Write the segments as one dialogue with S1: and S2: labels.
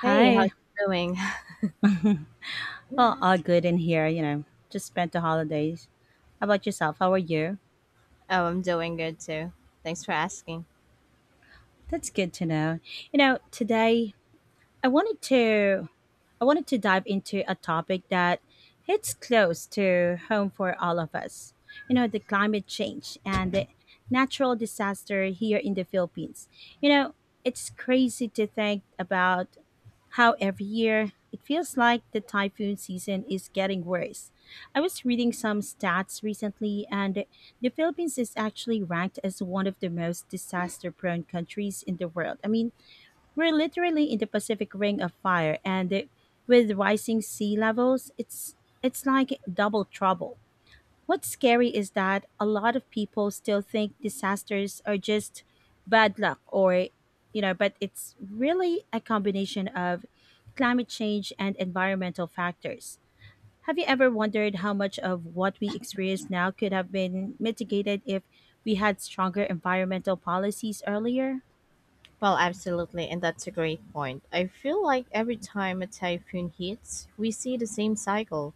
S1: Hey, how's
S2: Hi.
S1: it doing?
S2: Well, all good in here, you know. Just spent the holidays. How about yourself? How are you?
S1: Oh, I'm doing good too. Thanks for asking.
S2: That's good to know. You know, today I wanted to I wanted to dive into a topic that hits close to home for all of us. You know, the climate change and the natural disaster here in the Philippines. You know, it's crazy to think about how every year it feels like the typhoon season is getting worse. I was reading some stats recently, and the Philippines is actually ranked as one of the most disaster prone countries in the world. I mean, we're literally in the Pacific Ring of Fire, and with rising sea levels, it's like double trouble. What's scary is that a lot of people still think disasters are just bad luck or but it's really a combination of climate change and environmental factors. Have you ever wondered how much of what we experience now could have been mitigated if we had stronger environmental policies earlier?
S1: Well, absolutely, and that's a great point. I feel like every time a typhoon hits, we see the same cycle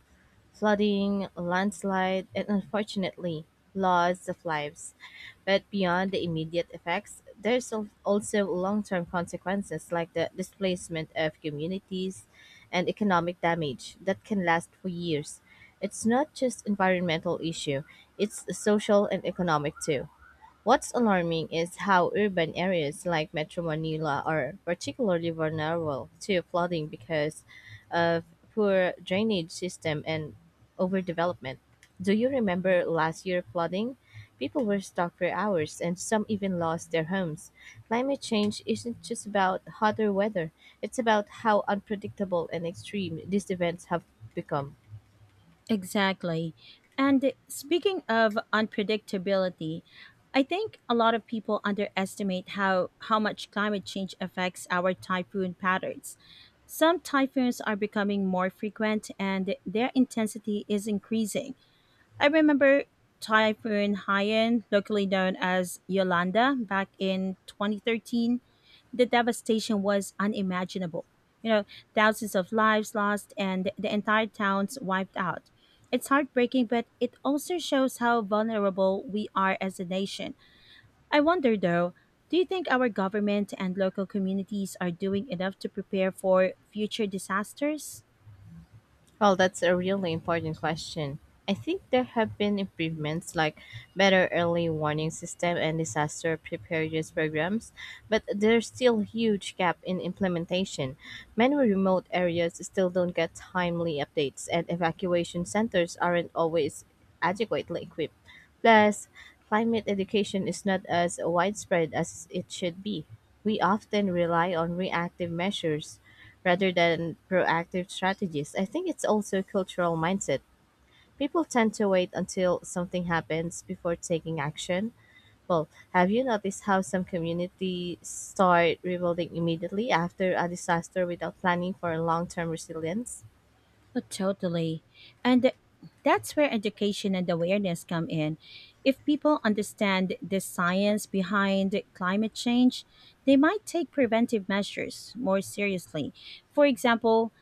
S1: flooding, landslide, and unfortunately, loss of lives. But beyond the immediate effects, there's also long-term consequences like the displacement of communities and economic damage that can last for years. It's not just environmental issue, it's social and economic too. What's alarming is how urban areas like Metro Manila are particularly vulnerable to flooding because of poor drainage system and overdevelopment. Do you remember last year flooding? People were stuck for hours and some even lost their homes. Climate change isn't just about hotter weather, it's about how unpredictable and extreme these events have become.
S2: Exactly. And speaking of unpredictability, I think a lot of people underestimate how much climate change affects our typhoon patterns. Some typhoons are becoming more frequent and their intensity is increasing. I remember Typhoon Haiyan, locally known as Yolanda, back in 2013. The devastation was unimaginable. You know, thousands of lives lost and the entire towns wiped out. It's heartbreaking, but it also shows how vulnerable we are as a nation. I wonder though, do you think our government and local communities are doing enough to prepare for future disasters?
S1: Well, that's a really important question. I think there have been improvements like better early warning system and disaster preparedness programs, but there's still huge gap in implementation. Many remote areas still don't get timely updates and evacuation centers aren't always adequately equipped. Plus, climate education is not as widespread as it should be. We often rely on reactive measures rather than proactive strategies. I think it's also a cultural mindset. People tend to wait until something happens before taking action. Well, have you noticed how some communities start rebuilding immediately after a disaster without planning for long term resilience?
S2: Oh, totally. And th- that's where education and awareness come in. If people understand the science behind climate change, they might take preventive measures more seriously. For example,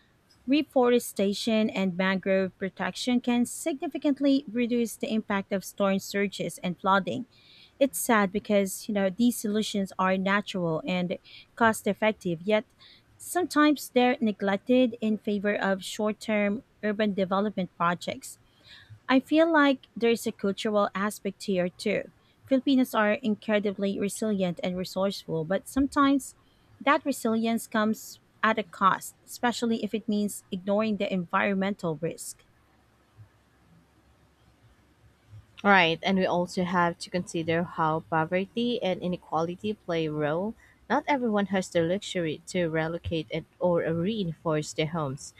S2: reforestation and mangrove protection can significantly reduce the impact of storm surges and flooding. It's sad because, you know, these solutions are natural and cost effective, yet sometimes they're neglected in favor of short-term urban development projects. I feel like there's a cultural aspect here too. Filipinos are incredibly resilient and resourceful, but sometimes that resilience comes at a cost, especially if it means ignoring the environmental risk.
S1: Right, and we also have to consider how poverty and inequality play a role. Not everyone has the luxury to relocate and or reinforce their homes.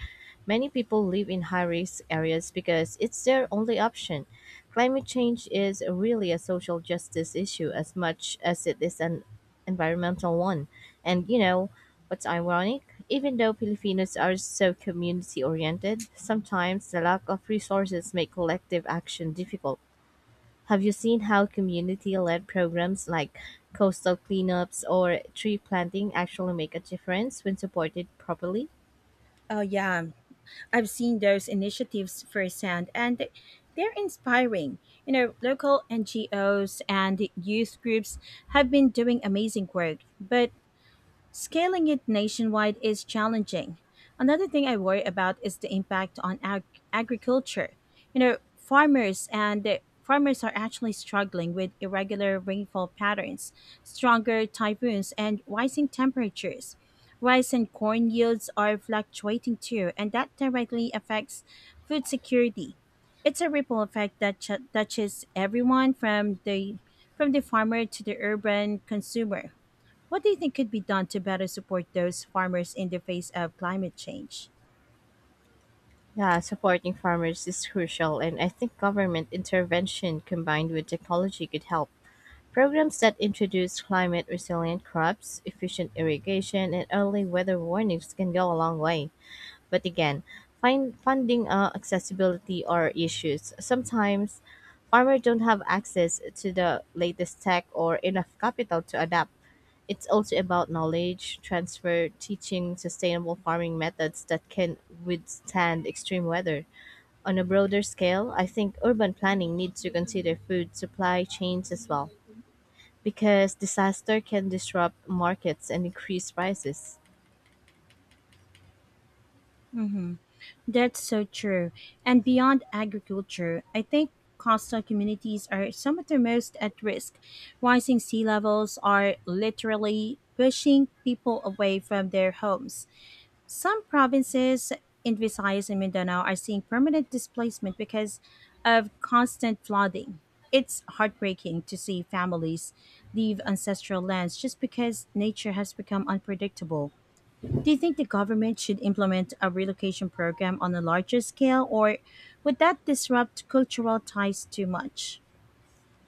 S1: Many people live in high risk areas because it's their only option. Climate change is really a social justice issue as much as it is an environmental one. And you know what's ironic? Even though Filipinos are so community oriented, sometimes the lack of resources make collective action difficult. Have you seen how community led programs like coastal cleanups or tree planting actually make a difference when supported properly?
S2: Oh, yeah. I've seen those initiatives firsthand, and they're inspiring. You know, local NGOs and youth groups have been doing amazing work, but scaling it nationwide is challenging. Another thing I worry about is the impact on agriculture. You know, farmers are actually struggling with irregular rainfall patterns, stronger typhoons, and rising temperatures. Rice and corn yields are fluctuating too, and that directly affects food security. It's a ripple effect that touches everyone from the farmer to the urban consumer. What do you think could be done to better support those farmers in the face of climate change?
S1: Yeah, supporting farmers is crucial, and I think government intervention combined with technology could help. Programs that introduce climate resilient crops, efficient irrigation, and early weather warnings can go a long way. But again, find funding accessibility are issues. Sometimes farmers don't have access to the latest tech or enough capital to adapt. It's also about knowledge transfer, teaching sustainable farming methods that can withstand extreme weather. On a broader scale, I think urban planning needs to consider food supply chains as well, because disaster can disrupt markets and increase prices.
S2: hmm That's so true. And beyond agriculture, I think coastal communities are some of the most at risk. Rising sea levels are literally pushing people away from their homes. Some provinces in Visayas and Mindanao are seeing permanent displacement because of constant flooding. It's heartbreaking to see families leave ancestral lands just because nature has become unpredictable. Do you think the government should implement a relocation program on a larger scale, or would that disrupt cultural ties too much?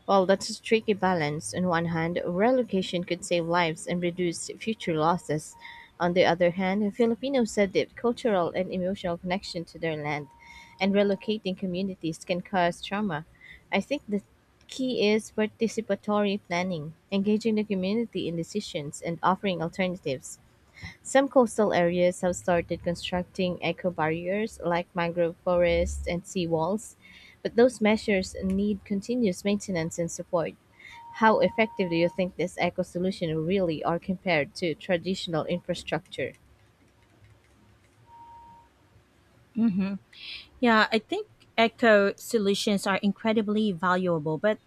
S1: Well, that's a tricky balance. On one hand, relocation could save lives and reduce future losses. On the other hand, Filipinos said that cultural and emotional connection to their land and relocating communities can cause trauma. I think the key is participatory planning, engaging the community in decisions and offering alternatives. Some coastal areas have started constructing eco barriers like mangrove forests and seawalls, but those measures need continuous maintenance and support. How effective do you think this eco solution really are compared to traditional infrastructure?
S2: hmm Yeah, I think eco solutions are incredibly valuable, but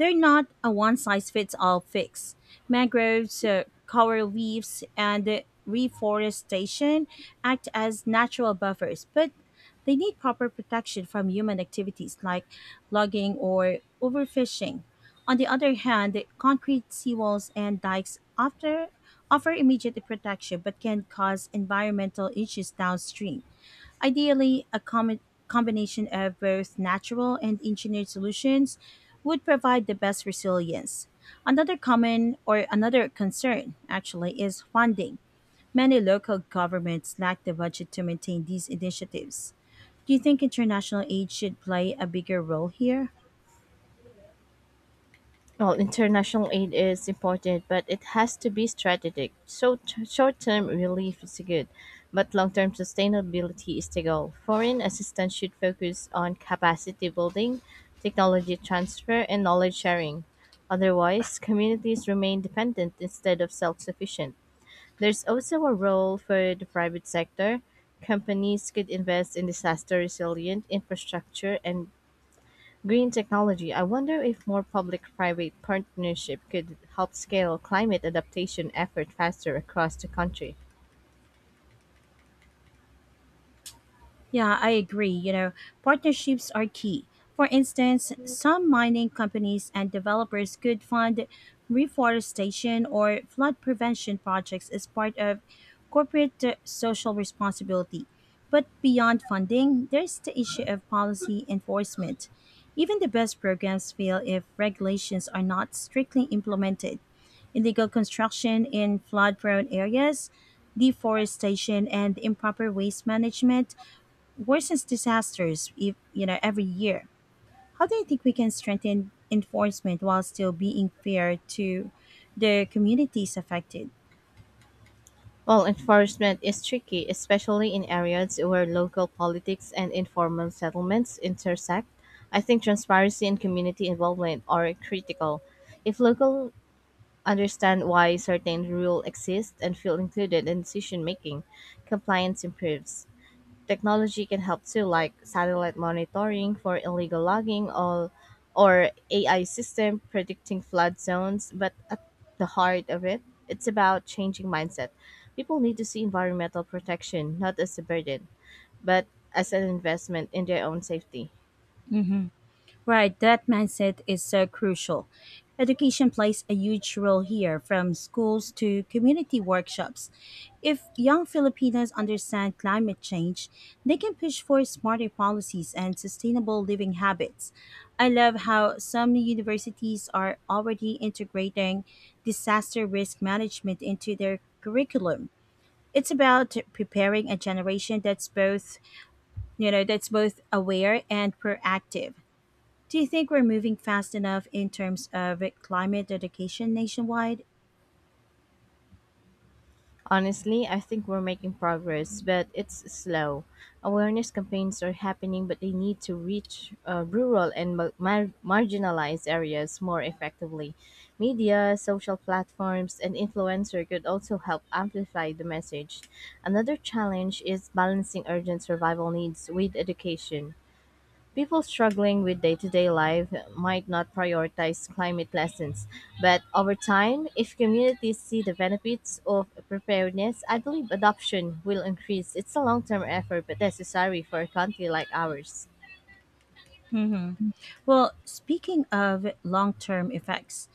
S2: they're not a one size fits all fix. Mangroves, coral reefs, and reforestation act as natural buffers, but they need proper protection from human activities like logging or overfishing. On the other hand, concrete seawalls and dikes often offer immediate protection but can cause environmental issues downstream. Ideally, combination of both natural and engineered solutions would provide the best resilience. Another common or another concern actually is funding. Many local governments lack the budget to maintain these initiatives. Do you think international aid should play a bigger role here?
S1: Well, international aid is important, but it has to be strategic. So, short term relief is good, but long term sustainability is the goal. Foreign assistance should focus on capacity building, technology transfer, and knowledge sharing. Otherwise, communities remain dependent instead of self sufficient. There's also a role for the private sector. Companies could invest in disaster resilient infrastructure and green technology. I wonder if more public-private partnership could help scale climate adaptation effort faster across the country.
S2: Yeah, I agree. You know, partnerships are key. For instance, some mining companies and developers could fund reforestation or flood prevention projects as part of corporate social responsibility. But beyond funding, there's the issue of policy enforcement. Even the best programs fail if regulations are not strictly implemented. Illegal construction in flood prone areas, deforestation, and improper waste management worsens disasters if, you know, every year. How do you think we can strengthen enforcement while still being fair to the communities affected?
S1: Well, enforcement is tricky, especially in areas where local politics and informal settlements intersect. I think transparency and community involvement are critical. If local understand why certain rules exist and feel included in decision making, compliance improves. Technology can help too, like satellite monitoring for illegal logging or AI system predicting flood zones. But at the heart of it, it's about changing mindset. People need to see environmental protection not as a burden, but as an investment in their own safety.
S2: Right, that mindset is so crucial. Education plays a huge role here, from schools to community workshops. If young Filipinos understand climate change, they can push for smarter policies and sustainable living habits. I love how some universities are already integrating disaster risk management into their curriculum. It's about preparing a generation that's both aware and proactive. Do you think we're moving fast enough in terms of climate education nationwide?
S1: Honestly, I think we're making progress, but it's slow. Awareness campaigns are happening, but they need to reach rural and marginalized areas more effectively. Media, social platforms, and influencer could also help amplify the message. Another challenge is balancing urgent survival needs with education. People struggling with day to day life might not prioritize climate lessons, but over time, if communities see the benefits of preparedness, I believe adoption will increase. It's a long term effort, but necessary for a country like ours.
S2: Well, speaking of long term effects,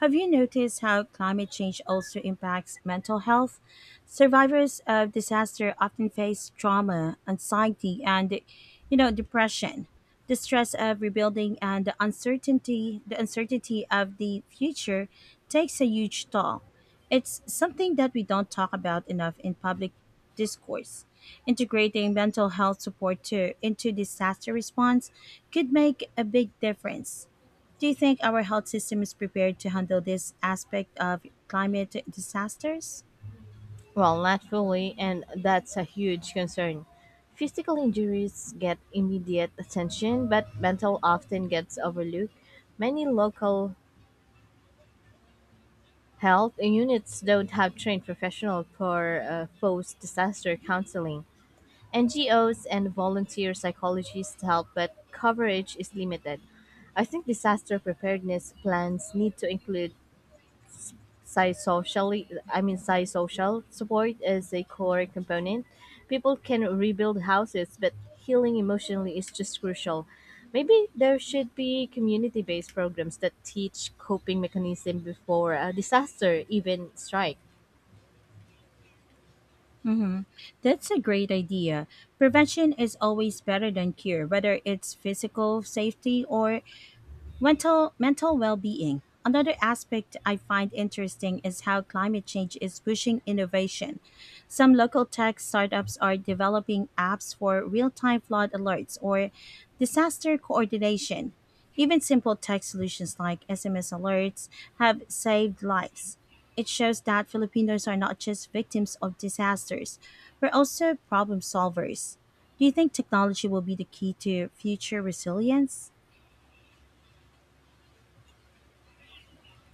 S2: have you noticed how climate change also impacts mental health? Survivors of disaster often face trauma, anxiety, and you know, depression. The stress of rebuilding and the uncertainty of the future takes a huge toll. It's something that we don't talk about enough in public discourse. Integrating mental health support into disaster response could make a big difference. Do you think our health system is prepared to handle this aspect of climate disasters?
S1: Well, not fully, and that's a huge concern. Physical injuries get immediate attention, but mental often gets overlooked. Many local health units don't have trained professionals for post disaster counseling. NGOs and volunteer psychologists help, but coverage is limited. I think disaster preparedness plans need to include psychosocially I mean psychosocial support as a core component. People can rebuild houses, but healing emotionally is just crucial. Maybe there should be community-based programs that teach coping mechanism before a disaster even strike.
S2: hmm That's a great idea. Prevention is always better than cure, whether it's physical safety or mental well being. Another aspect I find interesting is how climate change is pushing innovation. Some local tech startups are developing apps for real time flood alerts or disaster coordination. Even simple tech solutions like SMS alerts have saved lives. It shows that Filipinos are not just victims of disasters, we're also problem solvers. Do you think technology will be the key to future resilience?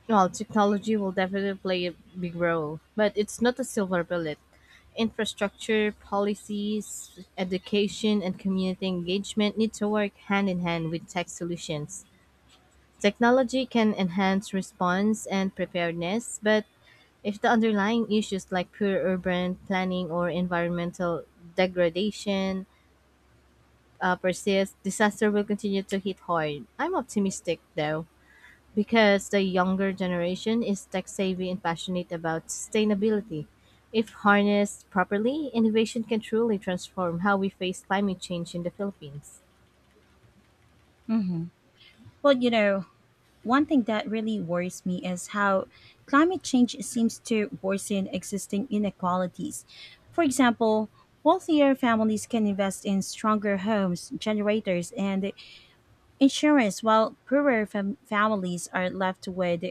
S1: Well, technology will definitely play a big role, but it's not a silver bullet. Infrastructure, policies, education, and community engagement need to work hand in hand with tech solutions. Technology can enhance response and preparedness, but if the underlying issues like poor urban planning or environmental degradation persist, disaster will continue to hit hard. I'm optimistic though because the younger generation is tech savvy and passionate about sustainability. If harnessed properly, innovation can truly transform how we face climate change in the Philippines.
S2: Well, you know, one thing that really worries me is how climate change seems to worsen existing inequalities. For example, wealthier families can invest in stronger homes, generators, and insurance, while families are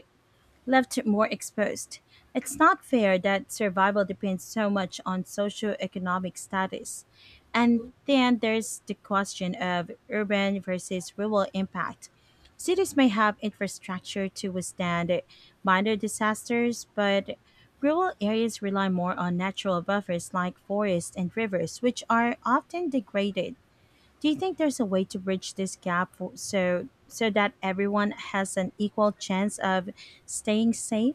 S2: left more exposed. It's not fair that survival depends so much on socioeconomic status. And then there's the question of urban versus rural impact. Cities may have infrastructure to withstand minor disasters, but rural areas rely more on natural buffers like forests and rivers, which are often degraded. Do you think there's a way to bridge this gap for, so so that everyone has an equal chance of staying safe?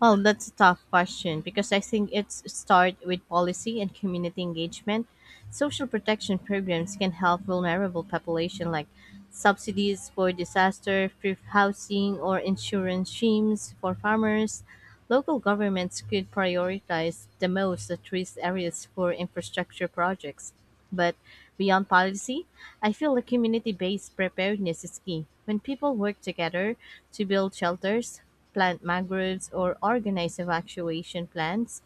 S1: Well, that's a tough question because I think it's start with policy and community engagement. Social protection programs can help vulnerable population like subsidies for disaster, free housing, or insurance schemes for farmers. Local governments could prioritize the most at risk areas for infrastructure projects. But beyond policy, I feel the community based preparedness is key. When people work together to build shelters, plant mangroves, or organize evacuation plans,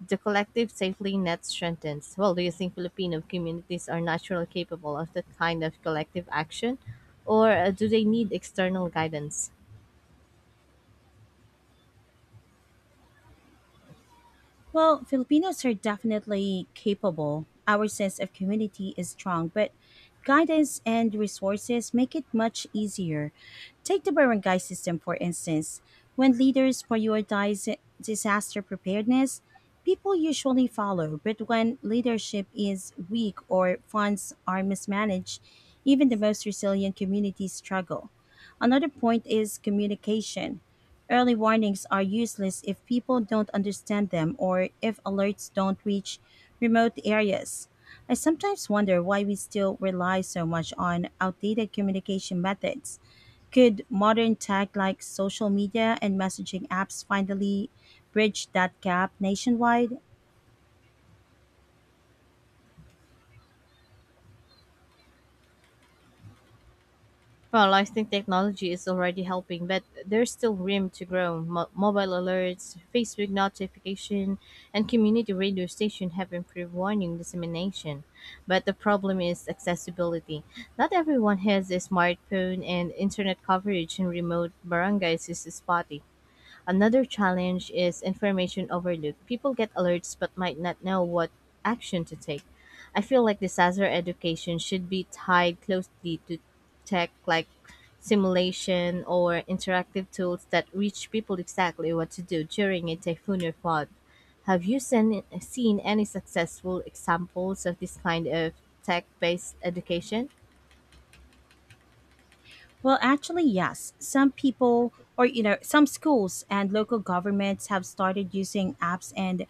S1: the collective safety net strengthens. Well, do you think Filipino communities are naturally capable of that kind of collective action, or do they need external guidance?
S2: Well, Filipinos are definitely capable. Our sense of community is strong, but guidance and resources make it much easier. Take the barangay system, for instance. When leaders prioritize disaster preparedness, people usually follow, but when leadership is weak or funds are mismanaged, even the most resilient communities struggle. Another point is communication. Early warnings are useless if people don't understand them or if alerts don't reach remote areas. I sometimes wonder why we still rely so much on outdated communication methods. Could modern tech like social media and messaging apps finally bridge that gap nationwide?
S1: Well, I think technology is already helping, but there's still room to grow. Mobile alerts, Facebook notification, and community radio station have improved warning dissemination. But the problem is accessibility. Not everyone has a smartphone, and internet coverage in remote barangays is spotty. Another challenge is information overload. People get alerts but might not know what action to take. I feel like disaster education should be tied closely to tech like simulation or interactive tools that reach people exactly what to do during a typhoon or flood. Have you seen any successful examples of this kind of tech based education?
S2: Well, actually, yes. Some people, or you know, Some schools and local governments have started using apps and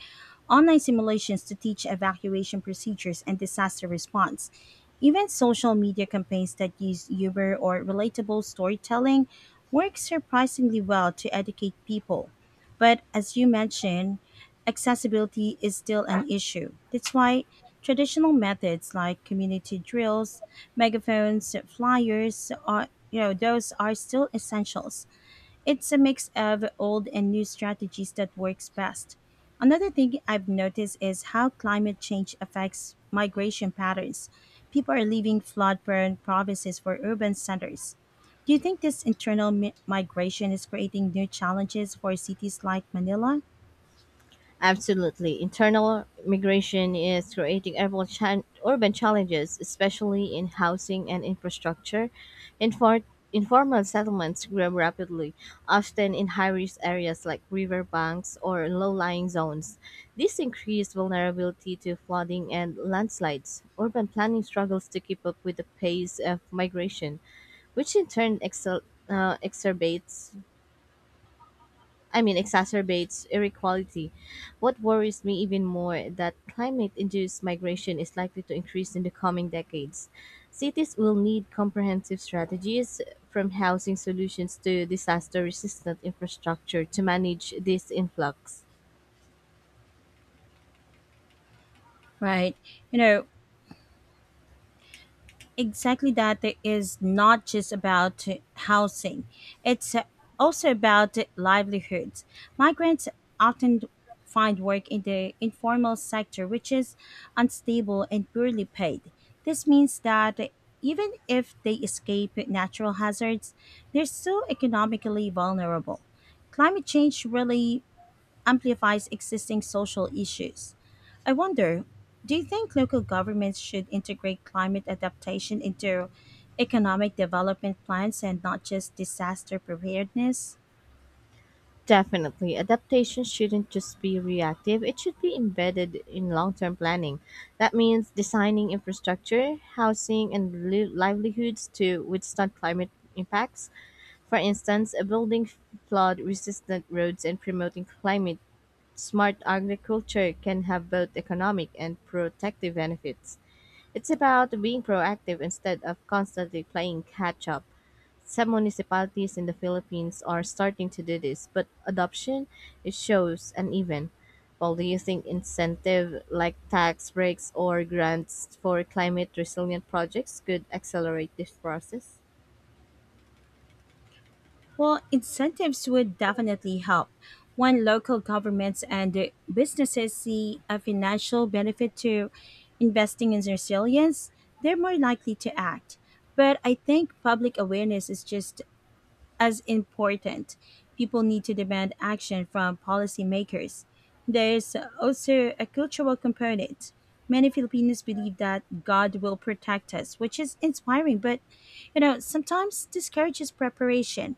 S2: online simulations to teach evacuation procedures and disaster response. Even social media campaigns that use humor or relatable storytelling work surprisingly well to educate people. But as you mentioned, accessibility is still an issue. That's why traditional methods like community drills, megaphones, flyers are, you know, those are still essentials. It's a mix of old and new strategies that works best. Another thing I've noticed is how climate change affects migration patterns. People are leaving flood-prone provinces for urban centers. Do you think this internal migration is creating new challenges for cities like Manila?
S1: Absolutely. Internal migration is creating urban challenges, especially in housing and infrastructure. Infor- Informal settlements grow rapidly, often in high risk areas like riverbanks or low lying zones. This increased vulnerability to flooding and landslides. Urban planning struggles to keep up with the pace of migration, which in turn uh, exacerbates exacerbates inequality. What worries me even more that climate induced migration is likely to increase in the coming decades. Cities will need comprehensive strategies from housing solutions to disaster resistant infrastructure to manage this influx.
S2: Right. You know, exactly that is not just about housing, it's also about livelihoods. Migrants often find work in the informal sector, which is unstable and poorly paid. This means that even if they escape natural hazards, they're still economically vulnerable. Climate change really amplifies existing social issues. I wonder, do you think local governments should integrate climate adaptation into economic development plans and not just disaster preparedness?
S1: Definitely, adaptation shouldn't just be reactive, it should be embedded in long term planning. That means designing infrastructure, housing, and livelihoods to withstand climate impacts. For instance, building flood-resistant roads and promoting climate-smart agriculture can have both economic and protective benefits. It's about being proactive instead of constantly playing catch-up. Some municipalities in the Philippines are starting to do this, but adoption it shows uneven. While using incentive like tax breaks or grants for climate resilient projects could accelerate this process?
S2: Well, incentives would definitely help. When local governments and businesses see a financial benefit to investing in resilience, they're more likely to act. But I think public awareness is just as important. People need to demand action from policymakers. There's also a cultural component. Many Filipinos believe that God will protect us, which is inspiring, but you know, sometimes discourages preparation.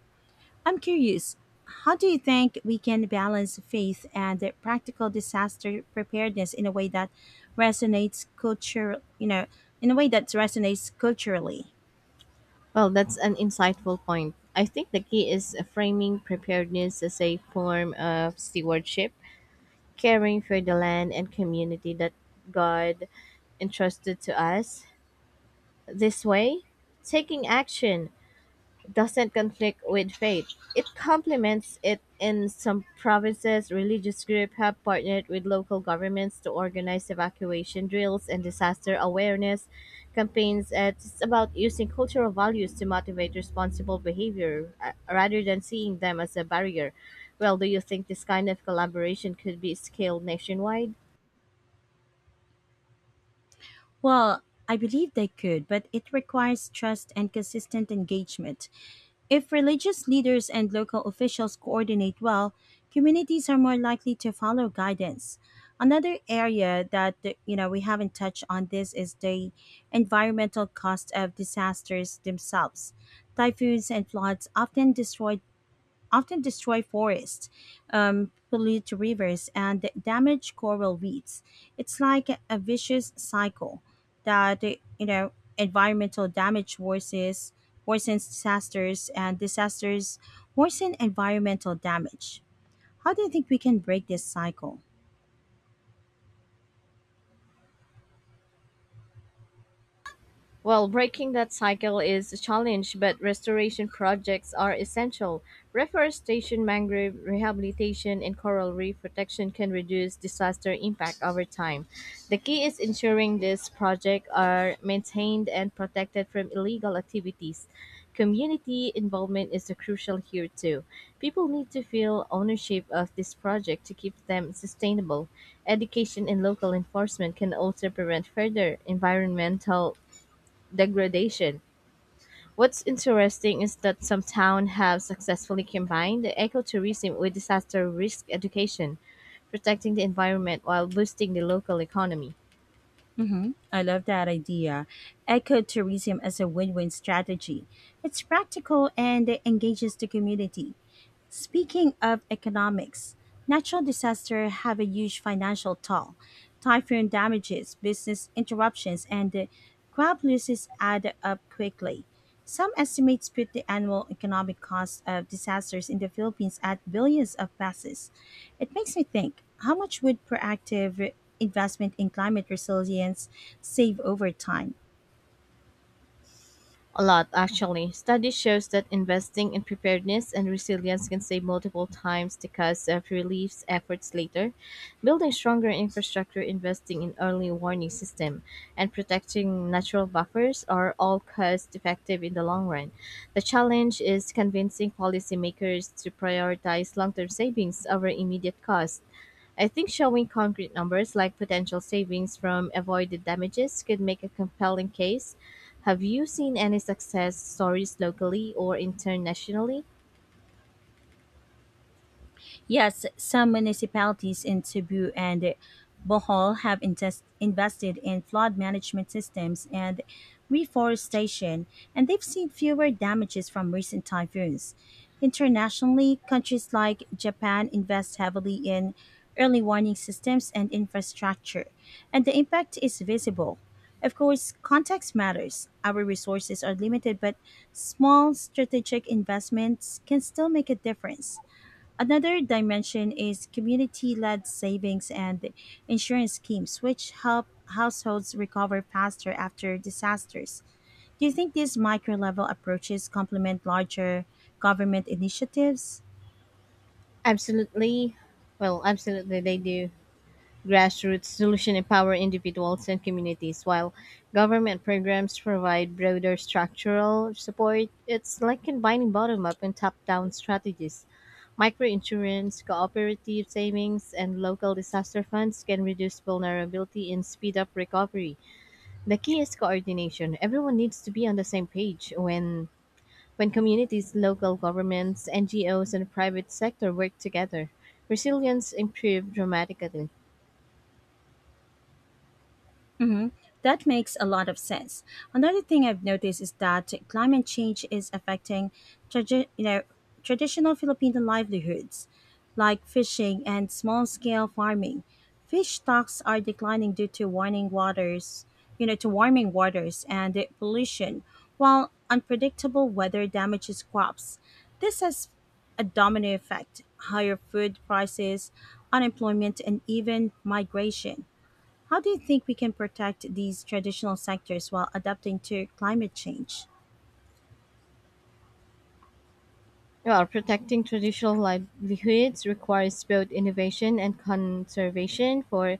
S2: I'm curious, how do you think we can balance faith and the practical disaster preparedness in a way that resonates culture, you know, in a way that resonates culturally?
S1: Well, that's an insightful point. I think the key is framing preparedness as a form of stewardship, caring for the land and community that God entrusted to us. This way, taking action doesn't conflict with faith. It complements it in some provinces. Religious groups have partnered with local governments to organize evacuation drills and disaster awareness campaigns. It's about using cultural values to motivate responsible behavior rather than seeing them as a barrier. Well, do you think this kind of collaboration could be scaled nationwide?
S2: Well, I believe they could, but it requires trust and consistent engagement. If religious leaders and local officials coordinate well, communities are more likely to follow guidance. Another area that you know we haven't touched on this is the environmental cost of disasters themselves. Typhoons and floods often destroy forests, pollute rivers, and damage coral reefs. It's like a vicious cycle that you know environmental damage worsens worsens disasters, and disasters worsen environmental damage. How do you think we can break this cycle?
S1: Well, breaking that cycle is a challenge, but restoration projects are essential. Reforestation, mangrove rehabilitation, and coral reef protection can reduce disaster impact over time. The key is ensuring these projects are maintained and protected from illegal activities. Community involvement is crucial here too. People need to feel ownership of this project to keep them sustainable. Education and local enforcement can also prevent further environmental degradation. What's interesting is that some towns have successfully combined ecotourism with disaster risk education, protecting the environment while boosting the local economy.
S2: Mm-hmm. I love that idea. Ecotourism as a win win strategy. It's practical and engages the community. Speaking of economics, natural disasters have a huge financial toll. Typhoon damages, business interruptions, and the crop losses add up quickly. Some estimates put the annual economic cost of disasters in the Philippines at billions of pesos. It makes me think, how much would proactive investment in climate resilience save over time?
S1: A lot, actually. Study shows that investing in preparedness and resilience can save multiple times the cost of relief efforts later. Building stronger infrastructure, investing in early warning system, and protecting natural buffers are all cost effective in the long run. The challenge is convincing policymakers to prioritize long-term savings over immediate costs. I think showing concrete numbers like potential savings from avoided damages could make a compelling case. Have you seen any success stories locally or internationally?
S2: Yes, some municipalities in Cebu and Bohol have invested in flood management systems and reforestation, and they've seen fewer damages from recent typhoons. Internationally, countries like Japan invest heavily in early warning systems and infrastructure, and the impact is visible. Of course, context matters. Our resources are limited, but small strategic investments can still make a difference. Another dimension is community led savings and insurance schemes, which help households recover faster after disasters. Do you think these micro level approaches complement larger government initiatives?
S1: Absolutely. Well, absolutely, they do. Grassroots solutions empower individuals and communities, while government programs provide broader structural support. It's like combining bottom up and top down strategies. Microinsurance, cooperative savings, and local disaster funds can reduce vulnerability and speed up recovery. The key is coordination. Everyone needs to be on the same page when communities, local governments, NGOs, and private sector work together. Resilience improves dramatically.
S2: That makes a lot of sense. Another thing I've noticed is that climate change is affecting tradi- you know, traditional Filipino livelihoods, like fishing and small scale farming. Fish stocks are declining due to warming waters, you know, to warming waters and pollution, while unpredictable weather damages crops. This has a domino effect, higher food prices, unemployment, and even migration. How do you think we can protect these traditional sectors while adapting to climate change?
S1: Well, protecting traditional livelihoods requires both innovation and conservation for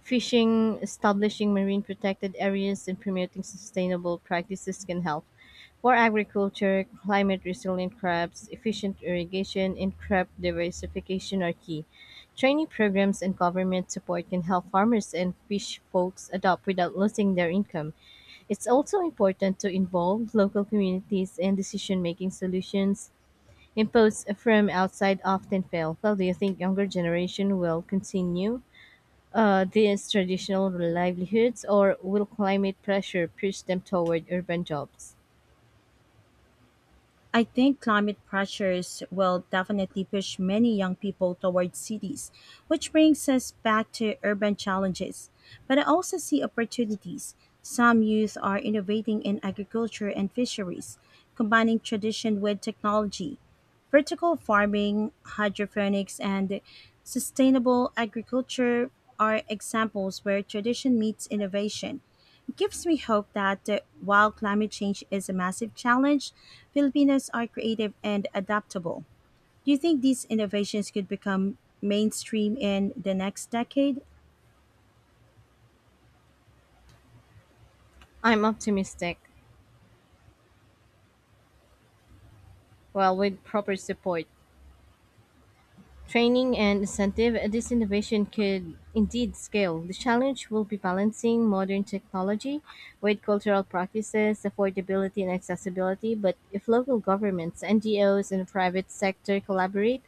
S1: fishing, establishing marine protected areas, and promoting sustainable practices can help. For agriculture, climate resilient crops, efficient irrigation, and crop diversification are key. Training programs and government support can help farmers and fish folks adopt without losing their income. It's also important to involve local communities in decision making solutions imposed from outside often fail. Well, do you think younger generation will continue these traditional livelihoods, or will climate pressure push them toward urban jobs?
S2: I think climate pressures will definitely push many young people towards cities, which brings us back to urban challenges. But I also see opportunities. Some youth are innovating in agriculture and fisheries, combining tradition with technology. Vertical farming, hydroponics, and sustainable agriculture are examples where tradition meets innovation gives me hope that while climate change is a massive challenge, Filipinos are creative and adaptable. Do you think these innovations could become mainstream in the next decade?
S1: I'm optimistic. Well, with proper support, training and incentive, this innovation could indeed scale. The challenge will be balancing modern technology with cultural practices, affordability, and accessibility. But if local governments, NGOs, and the private sector collaborate,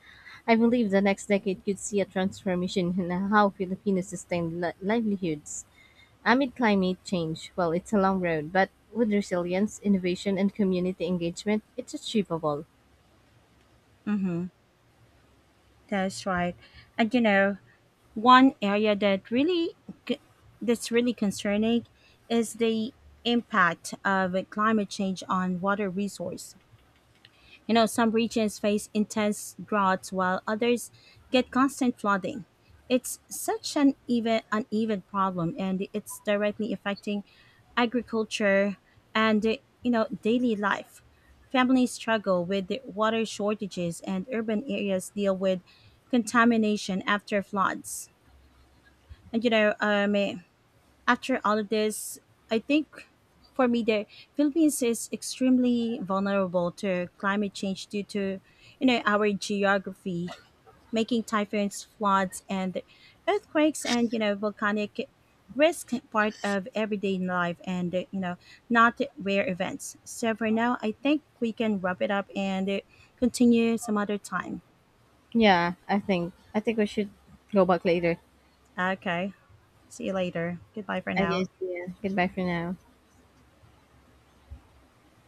S1: I believe the next decade could see a transformation in how Filipinos sustain livelihoods amid climate change. Well, it's a long road, but with resilience, innovation, and community engagement, it's achievable.
S2: Mm-hmm. That's right. And you know, one area that really c- that's really concerning is the impact of climate change on water resource. You know, some regions face intense droughts while others get constant flooding. It's such an even uneven problem and it's directly affecting agriculture and you know, daily life. Families struggle with the water shortages and urban areas deal with contamination after floods. And after all of this, I think for me the Philippines is extremely vulnerable to climate change due to, you know, our geography, making typhoons, floods and earthquakes and, you know, volcanic risk part of everyday life and, you know, not rare events. So for now, I think we can wrap it up and continue some other time.
S1: Yeah, I think we should go back later.
S2: Okay. See you later. Goodbye for
S1: I guess.
S2: now.
S1: Yeah. Goodbye for now.